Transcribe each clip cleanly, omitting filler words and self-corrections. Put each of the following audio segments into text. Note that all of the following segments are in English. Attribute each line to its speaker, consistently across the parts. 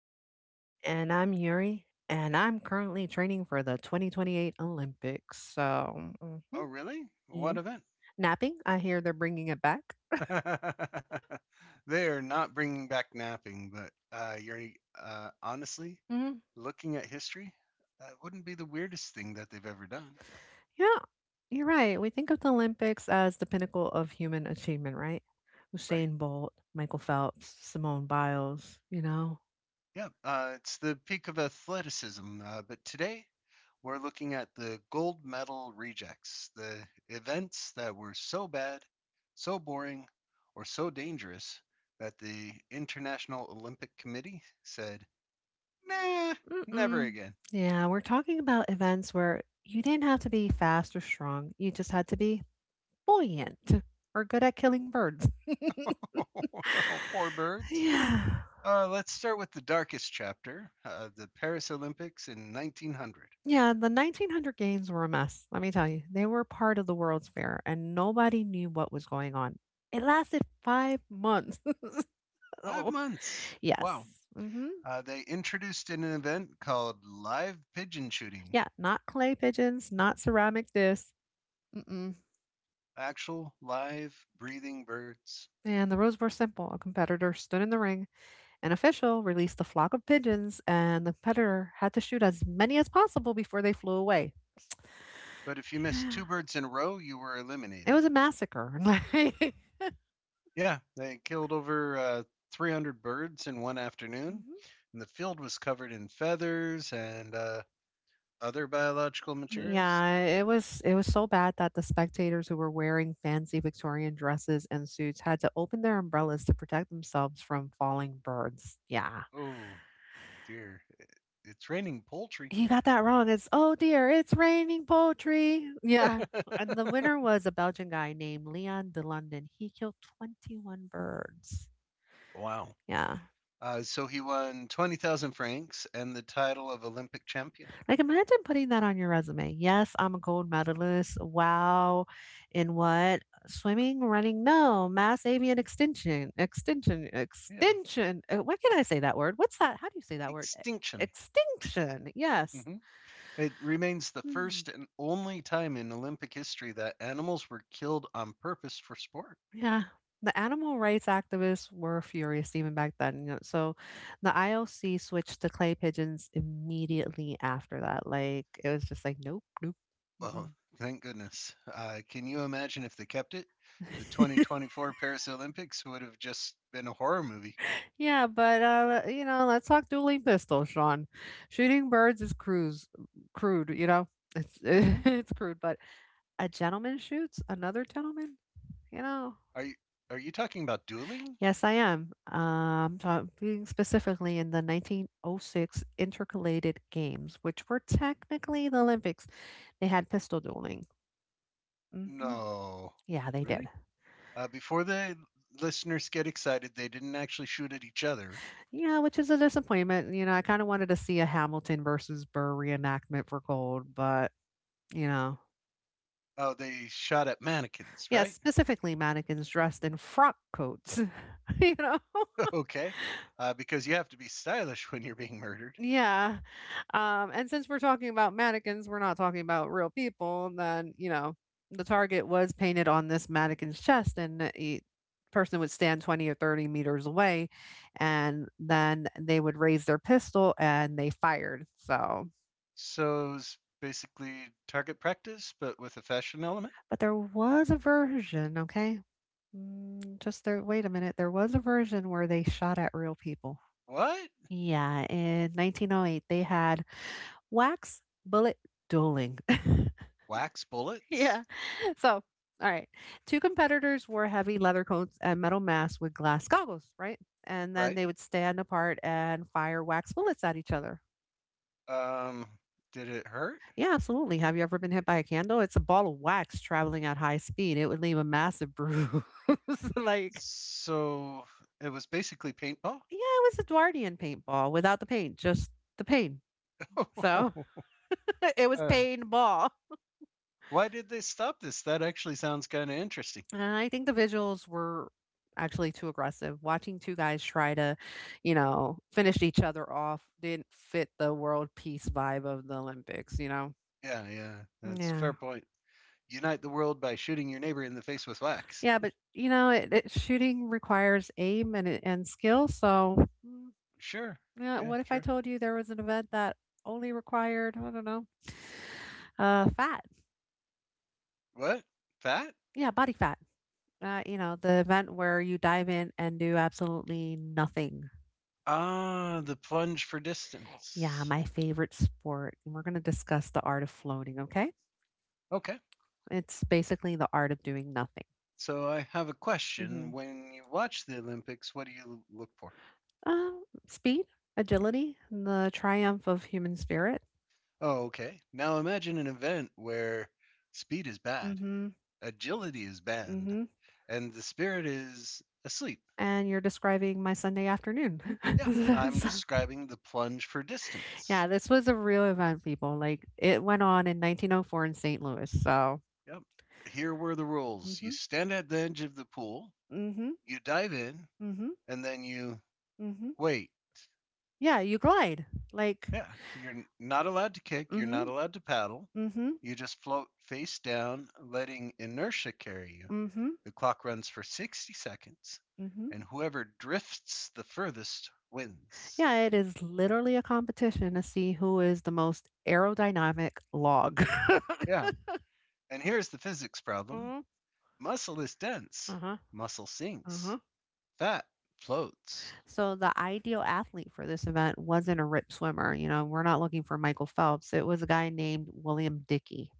Speaker 1: I'm Sean.
Speaker 2: And I'm Yuri, and I'm currently training for the 2028 Olympics. So, mhm.
Speaker 1: Oh, really?
Speaker 2: Yeah.
Speaker 1: What event?
Speaker 2: Napping, I hear they're bringing it back.
Speaker 1: They're not bringing back napping, but you're honestly
Speaker 2: hmm
Speaker 1: looking at history. That wouldn't be the weirdest thing that they've ever done,
Speaker 2: Yeah, you're right. We think of the Olympics as the pinnacle of human achievement, right?
Speaker 1: right?
Speaker 2: Usain Bolt, Michael Phelps, Simone Biles, you know?
Speaker 1: Yeah, it's the peak of athleticism. But today we're looking at the gold medal rejects, the events that were so bad, so boring, or so dangerous that the International Olympic Committee said, nah, never
Speaker 2: Mm-mm.
Speaker 1: again.
Speaker 2: Yeah, we're talking about events where you didn't have to be fast or strong, you just had to be buoyant or good at killing birds.
Speaker 1: Oh, no, poor birds.
Speaker 2: Yeah.
Speaker 1: Let's start with the darkest chapter the Paris Olympics in 1900.
Speaker 2: Yeah, the 1900 games were a mess, let me tell you. They were part of the World's Fair, and nobody knew what was going on. It lasted 5 months.
Speaker 1: Five
Speaker 2: Oh,
Speaker 1: months.
Speaker 2: yes.
Speaker 1: Wow.
Speaker 2: hmm
Speaker 1: They introduced an event called live pigeon shooting,
Speaker 2: Yeah, not clay pigeons, not ceramic discs. Mm-mm.
Speaker 1: actual live breathing birds.
Speaker 2: And the rules were simple. A competitor stood in the ring, an official released a flock of pigeons, and the competitor had to shoot as many as possible before they flew away.
Speaker 1: But if you missed two birds in a row, you were
Speaker 2: It was
Speaker 1: eliminated.
Speaker 2: a massacre. Like.
Speaker 1: Yeah, they killed over 300 birds in one afternoon,
Speaker 2: Mhm.
Speaker 1: and the field was covered in feathers and other biological materials.
Speaker 2: Yeah, it was so bad that the spectators who were wearing fancy Victorian dresses and suits had to open their umbrellas to protect themselves from falling birds. Yeah.
Speaker 1: Oh dear, it's raining poultry.
Speaker 2: You got that wrong. It's, oh dear, it's raining poetry. Yeah. And the winner was a Belgian guy named Leon de London. He killed 21 birds.
Speaker 1: Wow.
Speaker 2: Yeah.
Speaker 1: So he won 20,000 francs and the title of Olympic champion.
Speaker 2: Like, imagine putting that on your resume. Yes, I'm a gold medalist. Wow. In what? Swimming, running? No, mass avian extinction, extinction,
Speaker 1: Yeah.
Speaker 2: extinction. Why can't I say that word? What's that? How do you say that word?
Speaker 1: Extinction.
Speaker 2: Extinction. Yes.
Speaker 1: Hmm. It remains the
Speaker 2: Hmm.
Speaker 1: first and only time in Olympic history that animals were killed on purpose for sport.
Speaker 2: Yeah. The animal rights activists were furious even back then. You know, so the IOC switched to clay pigeons immediately after that. Like, it was just like, nope, nope. Mm-mm.
Speaker 1: Well, thank goodness. Can you imagine if they kept it? The 2024 Paris Olympics would have just been a horror movie.
Speaker 2: Yeah, but let's talk dueling pistols, Sean. Shooting birds is crude. You know, it's
Speaker 1: Hmm.
Speaker 2: it's crude, but a gentleman shoots another gentleman. You know.
Speaker 1: Are you are you talking about dueling?
Speaker 2: Yes, I am. Talking specifically in the 1906 intercalated games, which were technically the Olympics. They had pistol dueling. hmm
Speaker 1: No,
Speaker 2: Yeah, they did.
Speaker 1: really? Before the listeners get excited, they didn't actually shoot at each other.
Speaker 2: Yeah, which is a disappointment. You know, I kind of wanted to see a Hamilton versus Burr reenactment for gold, but you know.
Speaker 1: Oh, they shot at mannequins,
Speaker 2: Yeah,
Speaker 1: right?
Speaker 2: specifically mannequins dressed in frock coats, you know?
Speaker 1: Okay, because you have to be stylish when you're being murdered.
Speaker 2: Yeah, and since we're talking about mannequins, we're not talking about real people. And then the target was painted on this mannequin's chest, and a person would stand 20 or 30 meters away, and then they would raise their pistol and they fired. So,
Speaker 1: So it's basically target practice, but with a fashion element.
Speaker 2: but there was a version, okay? Just there, wait a minute, there was a version where they shot at real people.
Speaker 1: What?
Speaker 2: Yeah, in 1908, they had wax bullet dueling.
Speaker 1: Wax bullets?
Speaker 2: Yeah. So, all right. Two competitors wore heavy leather coats and metal masks with glass goggles, right? And then
Speaker 1: Right.
Speaker 2: they would stand apart and fire wax bullets at each other.
Speaker 1: Um, did it hurt?
Speaker 2: Yeah, absolutely. Have you ever been hit by a candle? It's a ball of wax traveling at high speed. It would leave a massive bruise. Like,
Speaker 1: So it was basically paintball.
Speaker 2: yeah, it was Edwardian paintball without the paint, just the pain. So it was
Speaker 1: uh,
Speaker 2: paintball.
Speaker 1: why did they stop this? That actually sounds kind of interesting.
Speaker 2: And I think the visuals were actually too aggressive. Watching two guys try to finish each other off didn't fit the world peace vibe of the Olympics, you know?
Speaker 1: Yeah, yeah, that's a fair
Speaker 2: Yeah.
Speaker 1: point. Unite the world by shooting your neighbor in the face with wax.
Speaker 2: Yeah, but shooting requires aim and skill. So,
Speaker 1: Sure.
Speaker 2: yeah,
Speaker 1: Yeah,
Speaker 2: what if I
Speaker 1: sure.
Speaker 2: told you there was an event that only required, I don't know, fat?
Speaker 1: What? That?
Speaker 2: Yeah, body fat. The event where you dive in and do absolutely nothing.
Speaker 1: Ah, the plunge for
Speaker 2: Yeah,
Speaker 1: distance.
Speaker 2: my favorite sport. And we're going to discuss the art of floating, okay?
Speaker 1: Okay.
Speaker 2: It's basically the art of doing nothing.
Speaker 1: So I have a
Speaker 2: Mm-hmm.
Speaker 1: question. When you watch the Olympics, what do you look for?
Speaker 2: Speed, agility, and the triumph of human spirit.
Speaker 1: Oh, okay. Now imagine an event where speed is bad,
Speaker 2: Mm-hmm.
Speaker 1: agility is banned,
Speaker 2: Mm-hmm.
Speaker 1: and the spirit is asleep.
Speaker 2: And you're describing my Sunday afternoon.
Speaker 1: Yeah, I'm
Speaker 2: So,
Speaker 1: describing the plunge for
Speaker 2: yeah,
Speaker 1: distance.
Speaker 2: this was a real event, people. Like, it went on in 1904 in St. Louis. So,
Speaker 1: Yep. Here were the rules. You
Speaker 2: Mm-hmm.
Speaker 1: stand at the edge of the pool,
Speaker 2: Mm-hmm.
Speaker 1: you dive in,
Speaker 2: Mm-hmm.
Speaker 1: and then you
Speaker 2: Mm-hmm.
Speaker 1: wait.
Speaker 2: Yeah, you glide. Like.
Speaker 1: Yeah, you're not allowed to kick, you're
Speaker 2: Mm-hmm.
Speaker 1: not allowed to paddle.
Speaker 2: Mm-hmm.
Speaker 1: You just float face down, letting inertia carry you.
Speaker 2: Mm-hmm.
Speaker 1: The clock runs for 60 seconds,
Speaker 2: Mm-hmm.
Speaker 1: and whoever drifts the furthest wins.
Speaker 2: Yeah, it is literally a competition to see who is the most aerodynamic log.
Speaker 1: Yeah. And here's the physics problem:
Speaker 2: Mhm.
Speaker 1: muscle is dense,
Speaker 2: Uh-huh.
Speaker 1: muscle sinks,
Speaker 2: Uh-huh.
Speaker 1: fat floats,
Speaker 2: So the ideal athlete for this event wasn't a rip swimmer. You know, we're not looking for Michael Phelps. It was a guy named William Dickey.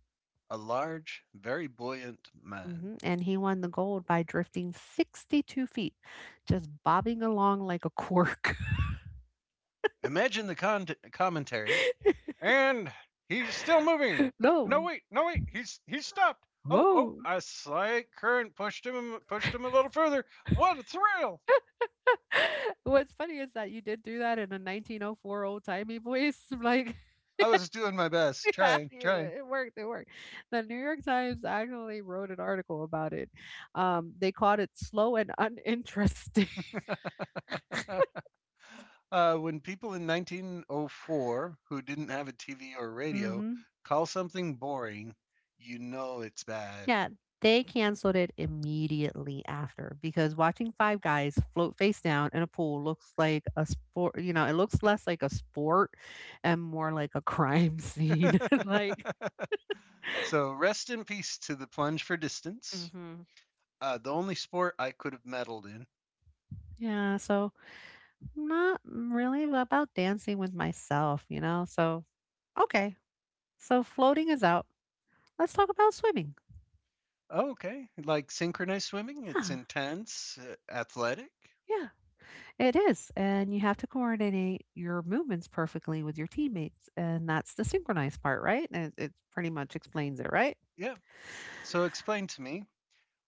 Speaker 1: a large, very buoyant man.
Speaker 2: And he won the gold by drifting 62 feet, just bobbing along like a cork.
Speaker 1: Imagine the commentary. And he's still moving. No
Speaker 2: No.
Speaker 1: wait, no wait, he's stopped. Oh, oh,
Speaker 2: Whoa.
Speaker 1: a slight current pushed him a little further. What a thrill!
Speaker 2: What's funny is that you did do that in a 1904 old timey voice. Like,
Speaker 1: I was doing my best,
Speaker 2: yeah,
Speaker 1: trying, trying.
Speaker 2: yeah, it worked. It worked. The New York Times actually wrote an article about it. They called it slow and uninteresting.
Speaker 1: When people in 1904 who didn't have a TV or radio
Speaker 2: Mm-hmm.
Speaker 1: call something boring, you know it's bad.
Speaker 2: Yeah, they canceled it immediately after, because watching five guys float face down in a pool looks like a sport, it looks less like a sport and more like a crime scene. Like,
Speaker 1: So rest in peace to the plunge for distance.
Speaker 2: hmm
Speaker 1: The only sport I could have meddled in.
Speaker 2: yeah, so not really about dancing with myself, you know? So, okay. So floating is out. Let's talk about swimming.
Speaker 1: Oh, okay, like synchronized swimming, it's
Speaker 2: Yeah.
Speaker 1: intense, uh, athletic.
Speaker 2: Yeah. It is. And you have to coordinate your movements perfectly with your teammates. And that's the synchronized part, right? And it pretty much explains it, right?
Speaker 1: Yeah. So explain to me,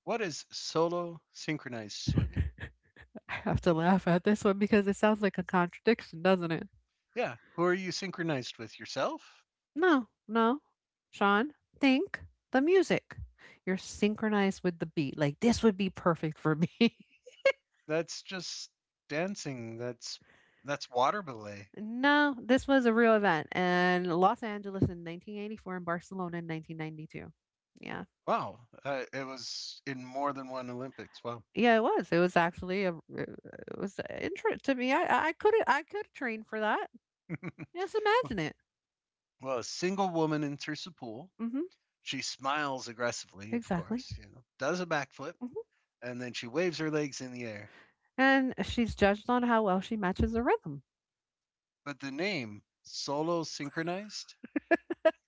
Speaker 1: what is solo synchronized swimming?
Speaker 2: I have to laugh at this one because it sounds like a contradiction, doesn't it?
Speaker 1: Yeah. Who are you synchronized with? Yourself?
Speaker 2: No, no. Sean, think the music. You're synchronized with the beat. Like, this would be perfect for me.
Speaker 1: That's just dancing. That's water ballet.
Speaker 2: No, this was a real event in Los Angeles in 1984 and Barcelona in 1992. Yeah.
Speaker 1: Wow, it was in more than one Olympics. Wow.
Speaker 2: Yeah, it was. It was actually a. It was interest to me, I could train for that. Just imagine it.
Speaker 1: Well, a single woman enters the pool.
Speaker 2: Mhm,
Speaker 1: She smiles aggressively, of
Speaker 2: exactly.
Speaker 1: course, you know, does a backflip,
Speaker 2: Mhm,
Speaker 1: and then she waves her legs in the air.
Speaker 2: and she's judged on how well she matches the rhythm.
Speaker 1: But the name, solo synchronized,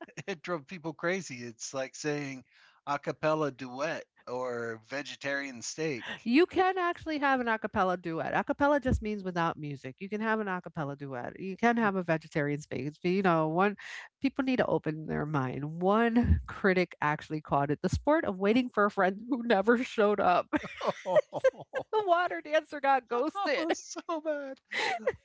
Speaker 1: it drove people crazy. It's like saying a cappella duet or vegetarian steak.
Speaker 2: You can actually have an a cappella duet. A cappella just means without music. You can have an a cappella duet. You can have a vegetarian space, but, one, people need to open their mind. One critic actually called it the sport of waiting for a friend who never showed up. The water dancer got
Speaker 1: Oh,
Speaker 2: ghosted.
Speaker 1: so bad.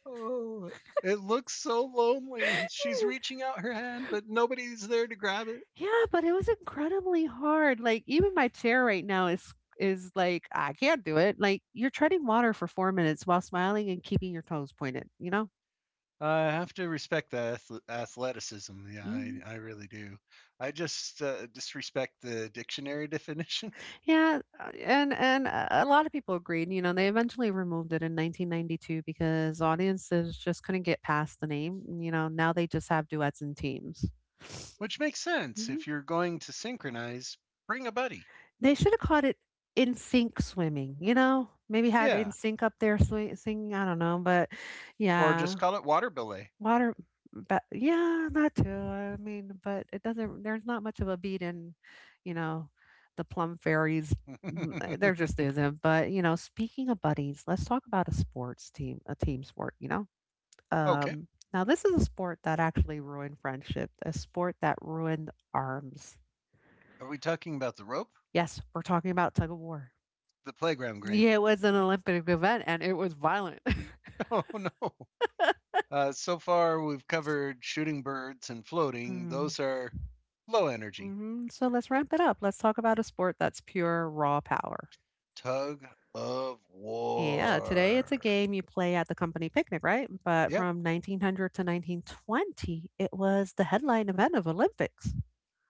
Speaker 1: Oh, it looks so lonely. She's reaching out her hand, but nobody's there to grab it.
Speaker 2: Yeah, but it was incredibly hard. Like, even my chair right now is like I can't do it. Like, you're treading water for 4 minutes while smiling and keeping your toes pointed, you know?
Speaker 1: I have to respect the athleticism. Yeah, I,
Speaker 2: hmm
Speaker 1: I really do. I just disrespect the dictionary definition,
Speaker 2: Yeah, and a lot of people agreed. You know, they eventually removed it in 1992 because audiences just couldn't get past the name. You know, now they just have duets and teams.
Speaker 1: which makes sense.
Speaker 2: Mhm.
Speaker 1: If you're going to synchronize, bring a buddy.
Speaker 2: They should have called it in sync swimming. You know, maybe had in
Speaker 1: Yeah,
Speaker 2: sync up there singing. I don't know, but
Speaker 1: or just
Speaker 2: yeah.
Speaker 1: call it water belay.
Speaker 2: Water But yeah, that too, I mean, but it doesn't. There's not much of a beat in, you know, the Plum Fairies. There just isn't, but, speaking of buddies, let's talk about a team sport, you know?
Speaker 1: Okay.
Speaker 2: Um, Now, this is a sport that actually ruined friendship, a sport that ruined arms.
Speaker 1: Are we talking about the rope?
Speaker 2: Yes, we're talking about tug of war.
Speaker 1: The playground green.
Speaker 2: Yeah, it was an Olympic event, and it was violent.
Speaker 1: Oh, no. So far, we've covered shooting birds and floating.
Speaker 2: Mhm.
Speaker 1: Those are low energy.
Speaker 2: Mhm, so let's ramp it up, let's talk about a sport that's pure raw power.
Speaker 1: Tug of
Speaker 2: Yeah, today it's a
Speaker 1: war.
Speaker 2: game you play at the company picnic, right? But
Speaker 1: Yep,
Speaker 2: from 1900 to 1920, it was the headline event of Olympics.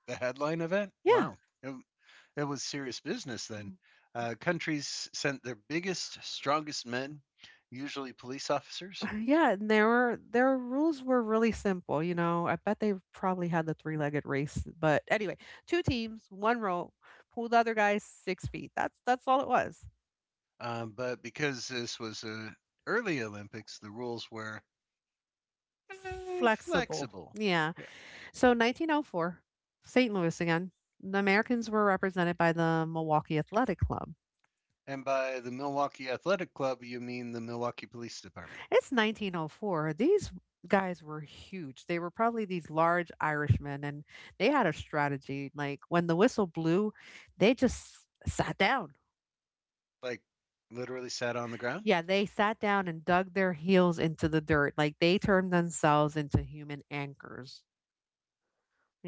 Speaker 1: the headline event.
Speaker 2: Yeah.
Speaker 1: Wow, it, it was serious business then.
Speaker 2: Mm.
Speaker 1: Countries sent their biggest, strongest men, usually police officers.
Speaker 2: Yeah, and there were their rules were really simple, you know. I bet they probably had the three-legged race, but anyway, two teams, one row, pull the other guy 6 feet. That's all it was.
Speaker 1: But because this was the early Olympics, the rules were
Speaker 2: Flexible.
Speaker 1: flexible.
Speaker 2: Yeah.
Speaker 1: Yeah.
Speaker 2: So, 1904, St. Louis again. The Americans were represented by the Milwaukee Athletic Club.
Speaker 1: And by the Milwaukee Athletic Club, you mean the Milwaukee Police Department.
Speaker 2: It's 1904. These guys were huge. They were probably these large Irishmen, and they had a strategy. Like, when the whistle blew, they just sat down.
Speaker 1: Like literally sat on the ground?
Speaker 2: Yeah, they sat down and dug their heels into the dirt. Like, they turned themselves into human anchors.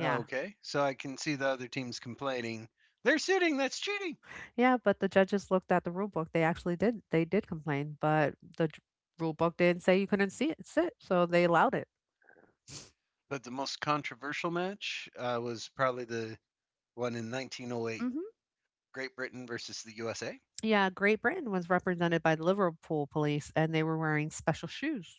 Speaker 1: Oh, okay. So I can see the other teams complaining. They're sitting, that's cheating.
Speaker 2: Yeah, but the judges looked at the rule book. They actually did. They did complain, but the rule book didn't say you couldn't see it sit, so they allowed it.
Speaker 1: But the most controversial match was probably the one in 1908,
Speaker 2: hmm
Speaker 1: Great Britain versus the USA.
Speaker 2: Yeah, Great Britain was represented by the Liverpool police, and they were wearing special shoes.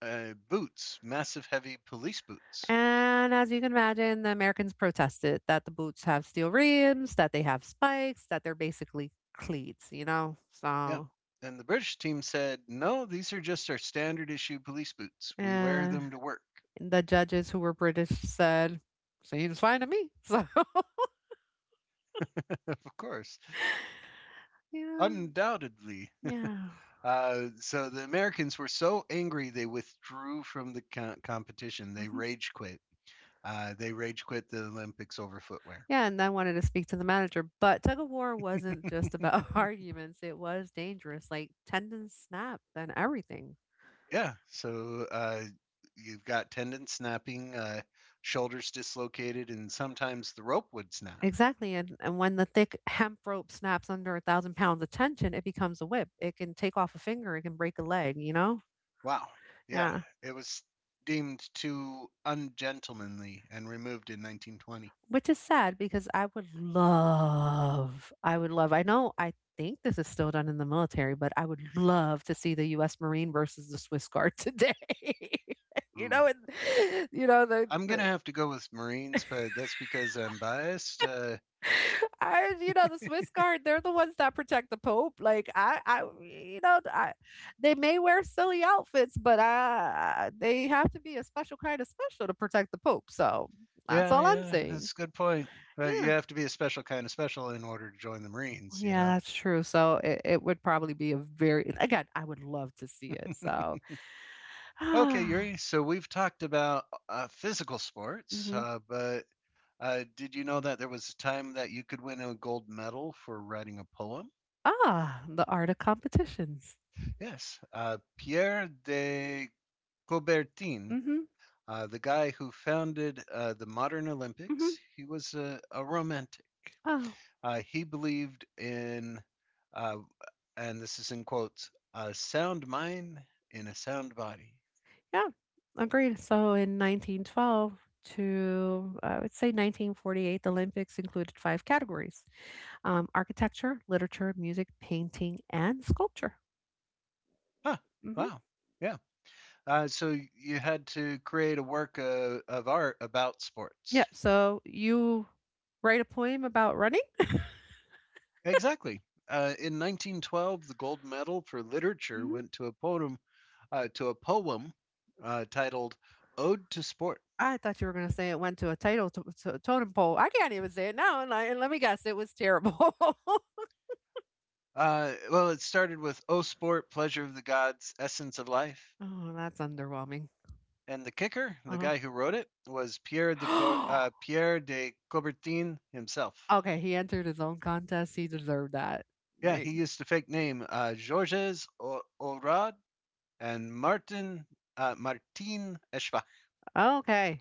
Speaker 1: Boots, massive heavy police boots.
Speaker 2: And as you can imagine, the Americans protested that the boots have steel rims, that they have spikes, that they're basically cleats, you know?
Speaker 1: Yeah.
Speaker 2: So,
Speaker 1: And the British team said, no, these are just our standard issue police boots. We wear
Speaker 2: eh,
Speaker 1: them to work.
Speaker 2: the judges, who were British, said, seems fine to me. So,
Speaker 1: Of course.
Speaker 2: you know,
Speaker 1: Undoubtedly.
Speaker 2: yeah.
Speaker 1: So the Americans were so angry they withdrew from the competition. They
Speaker 2: Mhm.
Speaker 1: rage quit. They rage quit the Olympics over footwear.
Speaker 2: Yeah, and I wanted to speak to the manager, but tug of war wasn't just about arguments. It was dangerous, like tendons snapped and everything.
Speaker 1: Yeah. So you've got tendon snapping, shoulders dislocated, and sometimes the rope would snap.
Speaker 2: Exactly, and when the thick hemp rope snaps under 1,000 pounds of tension, it becomes a whip. It can take off a finger, it can break a leg, you know?
Speaker 1: Wow. Yeah.
Speaker 2: Yeah.
Speaker 1: It was deemed too ungentlemanly and removed in 1920.
Speaker 2: Which is sad because I would love, I know I think this is still done in the military, but I would love to see the US Marine versus the Swiss Guard today. you
Speaker 1: Ooh.
Speaker 2: know, and you know,
Speaker 1: I'm going to
Speaker 2: the
Speaker 1: have to go with Marines, but that's because I'm biased.
Speaker 2: the Swiss Guard, they're the ones that protect the Pope. Like I, you know, I, they may wear silly outfits, but they have to be a special kind of special to protect the Pope. So that's
Speaker 1: Yeah,
Speaker 2: all I'm
Speaker 1: yeah,
Speaker 2: saying.
Speaker 1: that's a good point. But you
Speaker 2: Yeah,
Speaker 1: have to be a special kind of special in order to join the Marines, you
Speaker 2: yeah,
Speaker 1: know?
Speaker 2: that's true. So it would probably be a very again, I would love to see it. So
Speaker 1: Okay,
Speaker 2: ah,
Speaker 1: Yuri, so we've talked about physical sports,
Speaker 2: mhm.
Speaker 1: but did you know that there was a time that you could win a gold medal for writing a poem?
Speaker 2: Ah, the art of competitions.
Speaker 1: Yes, Pierre de Coubertin,
Speaker 2: Mm-hmm,
Speaker 1: the guy who founded the modern
Speaker 2: mm-hmm.
Speaker 1: Olympics, he was a romantic.
Speaker 2: Oh.
Speaker 1: He believed in uh, and this is in quotes, a sound mind in a sound body.
Speaker 2: Yeah, agreed. So in 1912 to I would say 1948, the Olympics included five categories: architecture, literature, music, painting, and sculpture.
Speaker 1: Huh.
Speaker 2: Hmm.
Speaker 1: Wow. Yeah. So you had to create a work of art about
Speaker 2: Yeah.
Speaker 1: sports.
Speaker 2: So you write a poem about running.
Speaker 1: Exactly. In 1912, the gold medal for literature
Speaker 2: Hmm.
Speaker 1: went to a poem uh, to a poem titled "Ode to Sport."
Speaker 2: I thought you were going to say it went to a title to totem pole. I can't even say it now. And let me guess, it was terrible. Oh,
Speaker 1: Well, it started with "O Sport, Pleasure of the Gods, Essence of Life,"
Speaker 2: that's underwhelming.
Speaker 1: and the kicker, the
Speaker 2: Uh-huh.
Speaker 1: guy who wrote it, was Pierre de Coubertin himself.
Speaker 2: Okay, he entered his own contest. He deserved that.
Speaker 1: Yeah,
Speaker 2: Like,
Speaker 1: he used the fake name Georges Orad and Martin Martin Eschbach,
Speaker 2: okay.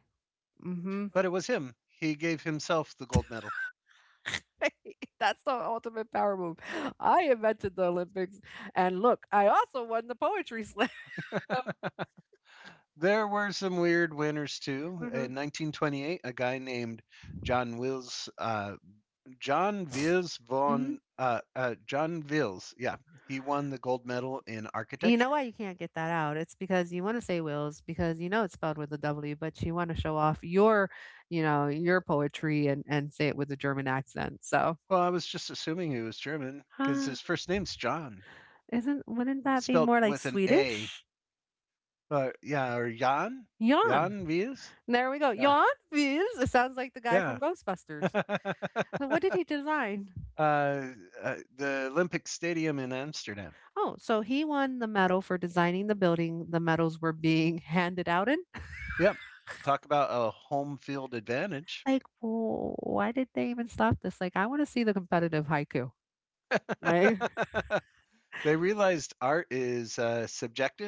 Speaker 2: Mhm.
Speaker 1: but it was him. He gave himself the gold medal.
Speaker 2: That's the ultimate power move. I invented the Olympics, and look, I also won the poetry slam.
Speaker 1: There were some weird winners too.
Speaker 2: Mhm.
Speaker 1: In 1928, a guy named John Wills, uh,
Speaker 2: Mhm.
Speaker 1: John Wills, yeah, he won the gold medal in
Speaker 2: You know
Speaker 1: architecture.
Speaker 2: why you can't get that out? It's because you want to say Wills because you know it's spelled with a W, but you want to show off your, you know, your poetry and say it with a German accent. So,
Speaker 1: Well, I was just assuming he was German because
Speaker 2: huh?
Speaker 1: his first name's John,
Speaker 2: Isn't wouldn't that be
Speaker 1: spelled
Speaker 2: more like
Speaker 1: with an A.
Speaker 2: Swedish?
Speaker 1: Yeah, or Jan?
Speaker 2: Jan.
Speaker 1: Jan Vies?
Speaker 2: There we go.
Speaker 1: Yeah.
Speaker 2: Jan Wills. It sounds like the guy
Speaker 1: Yeah.
Speaker 2: from Ghostbusters. So what did he design?
Speaker 1: uh, uh, the Olympic Stadium in Amsterdam.
Speaker 2: Oh, so he won the medal for designing the building the medals were being handed out in.
Speaker 1: Yep. Talk about a home field advantage.
Speaker 2: Like, Why did they even stop this? Like, I want to see the competitive haiku. Like,
Speaker 1: They realized art is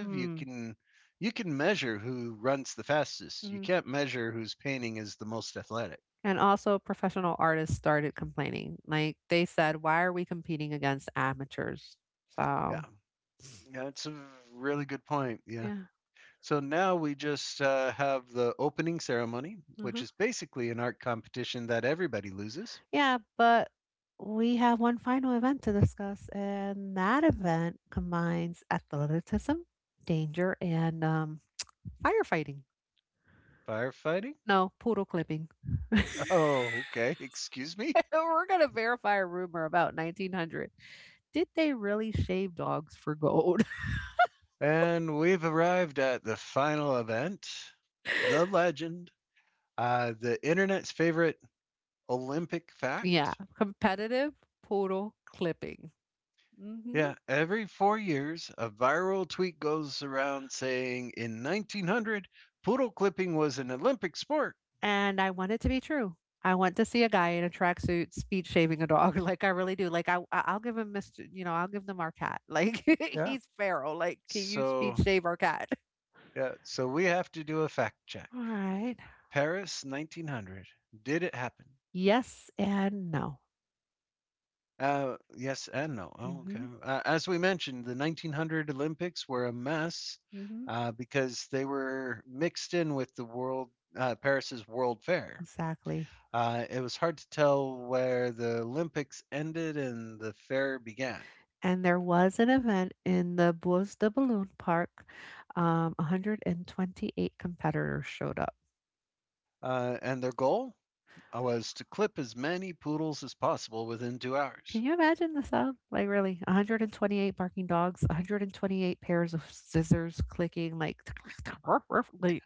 Speaker 2: hmm.
Speaker 1: You can measure who runs the fastest. You
Speaker 2: Hmm.
Speaker 1: can't measure whose painting is the most athletic.
Speaker 2: And also, professional artists started complaining. Like, they said, why are we competing against amateurs?
Speaker 1: Yeah.
Speaker 2: So,
Speaker 1: Yeah, it's a really good point. Yeah.
Speaker 2: yeah.
Speaker 1: So now we just have the opening ceremony, which
Speaker 2: Uh-huh.
Speaker 1: is basically an art competition that everybody loses.
Speaker 2: Yeah, but we have one final event to discuss, and that event combines athleticism, danger, and firefighting.
Speaker 1: Firefighting?
Speaker 2: No, poodle clipping.
Speaker 1: Oh, okay. Excuse me.
Speaker 2: We're gonna verify a rumor about 1900. Did they really shave dogs for gold?
Speaker 1: And we've arrived at the final event, the legend, the internet's favorite Olympic
Speaker 2: Yeah,
Speaker 1: fact.
Speaker 2: competitive poodle clipping. Hmm.
Speaker 1: Yeah, every 4 years, a viral tweet goes around saying in 1900, poodle clipping was an Olympic sport.
Speaker 2: And I want it to be true. I want to see a guy in a tracksuit speed shaving a dog. Like I really do. Like I'll give him Mr. You know, I'll give them our cat. Like
Speaker 1: Yeah.
Speaker 2: he's feral. Like can you speed
Speaker 1: So,
Speaker 2: shave our cat?
Speaker 1: yeah, so we have to do a fact check.
Speaker 2: All right.
Speaker 1: Paris, 1900. Did it happen?
Speaker 2: Yes and no.
Speaker 1: Yes and no.
Speaker 2: Mm
Speaker 1: Oh, okay.
Speaker 2: hmm.
Speaker 1: As we mentioned, the 1900 Olympics were a mess
Speaker 2: Mm hmm.
Speaker 1: because they were mixed in with the world Paris's World Fair.
Speaker 2: Exactly.
Speaker 1: It was hard to tell where the Olympics ended and the fair began.
Speaker 2: And there was an event in the Bois de Boulogne Park. 128 competitors showed up.
Speaker 1: And their goal was to clip as many poodles as possible within two
Speaker 2: Can
Speaker 1: hours.
Speaker 2: you imagine the sound? Like really, 128 barking dogs, 128 pairs of scissors clicking like like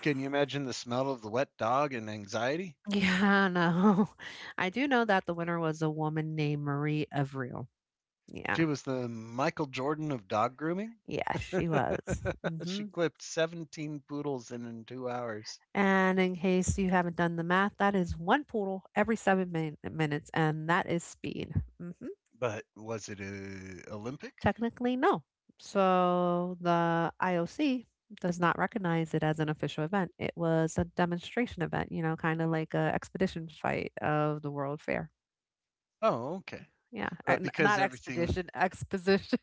Speaker 1: Can you imagine the smell of the wet dog and anxiety?
Speaker 2: yeah, no. I do know that the winner was a woman named Marie Avril.
Speaker 1: She
Speaker 2: Yeah.
Speaker 1: was the Michael Jordan of dog grooming.
Speaker 2: Yes, she was.
Speaker 1: She
Speaker 2: Hmm.
Speaker 1: clipped 17 poodles in 2 hours.
Speaker 2: And in case you haven't done the math, that is one poodle every minutes, and that is speed. Hmm.
Speaker 1: But was it a Olympic?
Speaker 2: Technically, no. So the IOC does not recognize it as an official event. It was a demonstration event, you know, kind of like a expedition fight of the World Fair.
Speaker 1: Oh, okay.
Speaker 2: Yeah,
Speaker 1: But because
Speaker 2: not
Speaker 1: everything,
Speaker 2: expedition, exposition.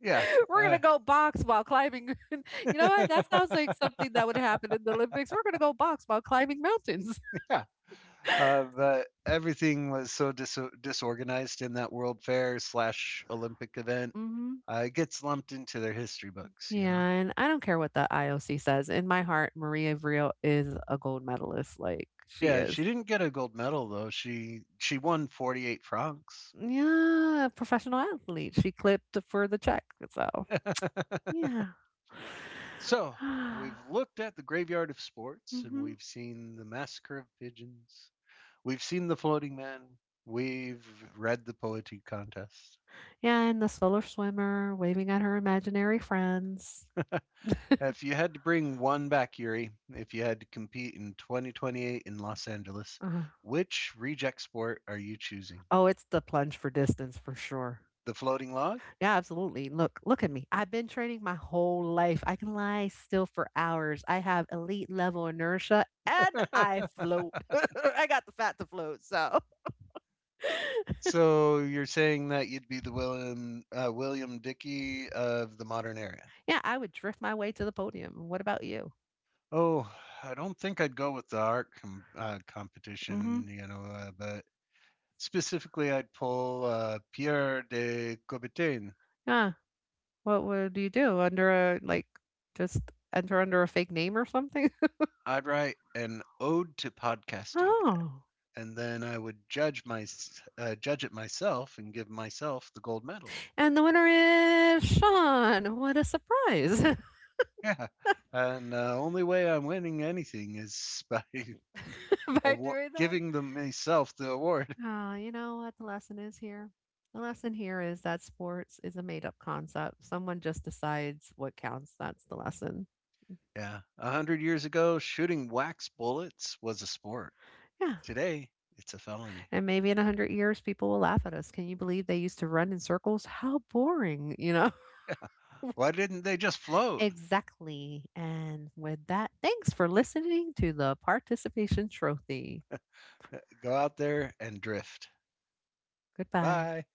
Speaker 1: yeah,
Speaker 2: We're
Speaker 1: uh,
Speaker 2: gonna go box while climbing. You know what? That sounds like something that would happen in the Olympics. We're gonna go box while climbing mountains.
Speaker 1: yeah, but everything was so disorganized in that World Fair slash Olympic event,
Speaker 2: Mhm.
Speaker 1: it gets lumped into their history books, you know.
Speaker 2: Yeah, and I don't care what the IOC says. In my heart, Maria Vril is a gold medalist. Like she
Speaker 1: Yeah, she
Speaker 2: is.
Speaker 1: didn't get a gold medal though. She won 48 francs.
Speaker 2: Yeah, a professional athlete. She clipped for the check. So yeah.
Speaker 1: So, we've looked at the graveyard of sports and
Speaker 2: Hmm.
Speaker 1: we've seen the massacre of pigeons. We've seen the floating man. We've read the poetry contest.
Speaker 2: Yeah, and the solar swimmer waving at her imaginary friends.
Speaker 1: If you had to bring one back, Yuri, if you had to compete in 2028 in Los Angeles,
Speaker 2: Uh,
Speaker 1: which reject sport are you choosing?
Speaker 2: oh, it's the plunge for distance for sure.
Speaker 1: The floating log?
Speaker 2: Yeah, absolutely. Look, look at me. I've been training my whole life. I can lie still for hours. I have elite level inertia and I float. I got the fat to float. So,
Speaker 1: So you're saying that you'd be the William Dickey of the modern era?
Speaker 2: yeah, I would drift my way to the podium. What about you?
Speaker 1: Oh, I don't think I'd go with the art
Speaker 2: Mm-hmm.
Speaker 1: competition, you know, but specifically, I'd pull Pierre de Coubertin.
Speaker 2: Yeah. What would you do under a, like, just enter under a fake name or something?
Speaker 1: I'd write an ode to podcasting,
Speaker 2: Oh.
Speaker 1: and then I would judge it myself and give myself the gold medal.
Speaker 2: And the winner is Sean. What a surprise.
Speaker 1: Yeah, and the only way I'm winning anything is by
Speaker 2: By
Speaker 1: award-
Speaker 2: doing that.
Speaker 1: giving them myself the award.
Speaker 2: Ah, you know what the lesson is here? The lesson here is that sports is a made up concept. Someone just decides what counts. That's the lesson.
Speaker 1: Yeah, 100 years ago, shooting wax bullets was a sport.
Speaker 2: Yeah.
Speaker 1: Today, it's a felony.
Speaker 2: And maybe in a 100 years, people will laugh at us. Can you believe they used to run in circles? How boring, you know?
Speaker 1: Why didn't they just float?
Speaker 2: Exactly. And with that, thanks for listening to the participation trophy.
Speaker 1: Go out there and drift.
Speaker 2: Goodbye.
Speaker 1: Bye.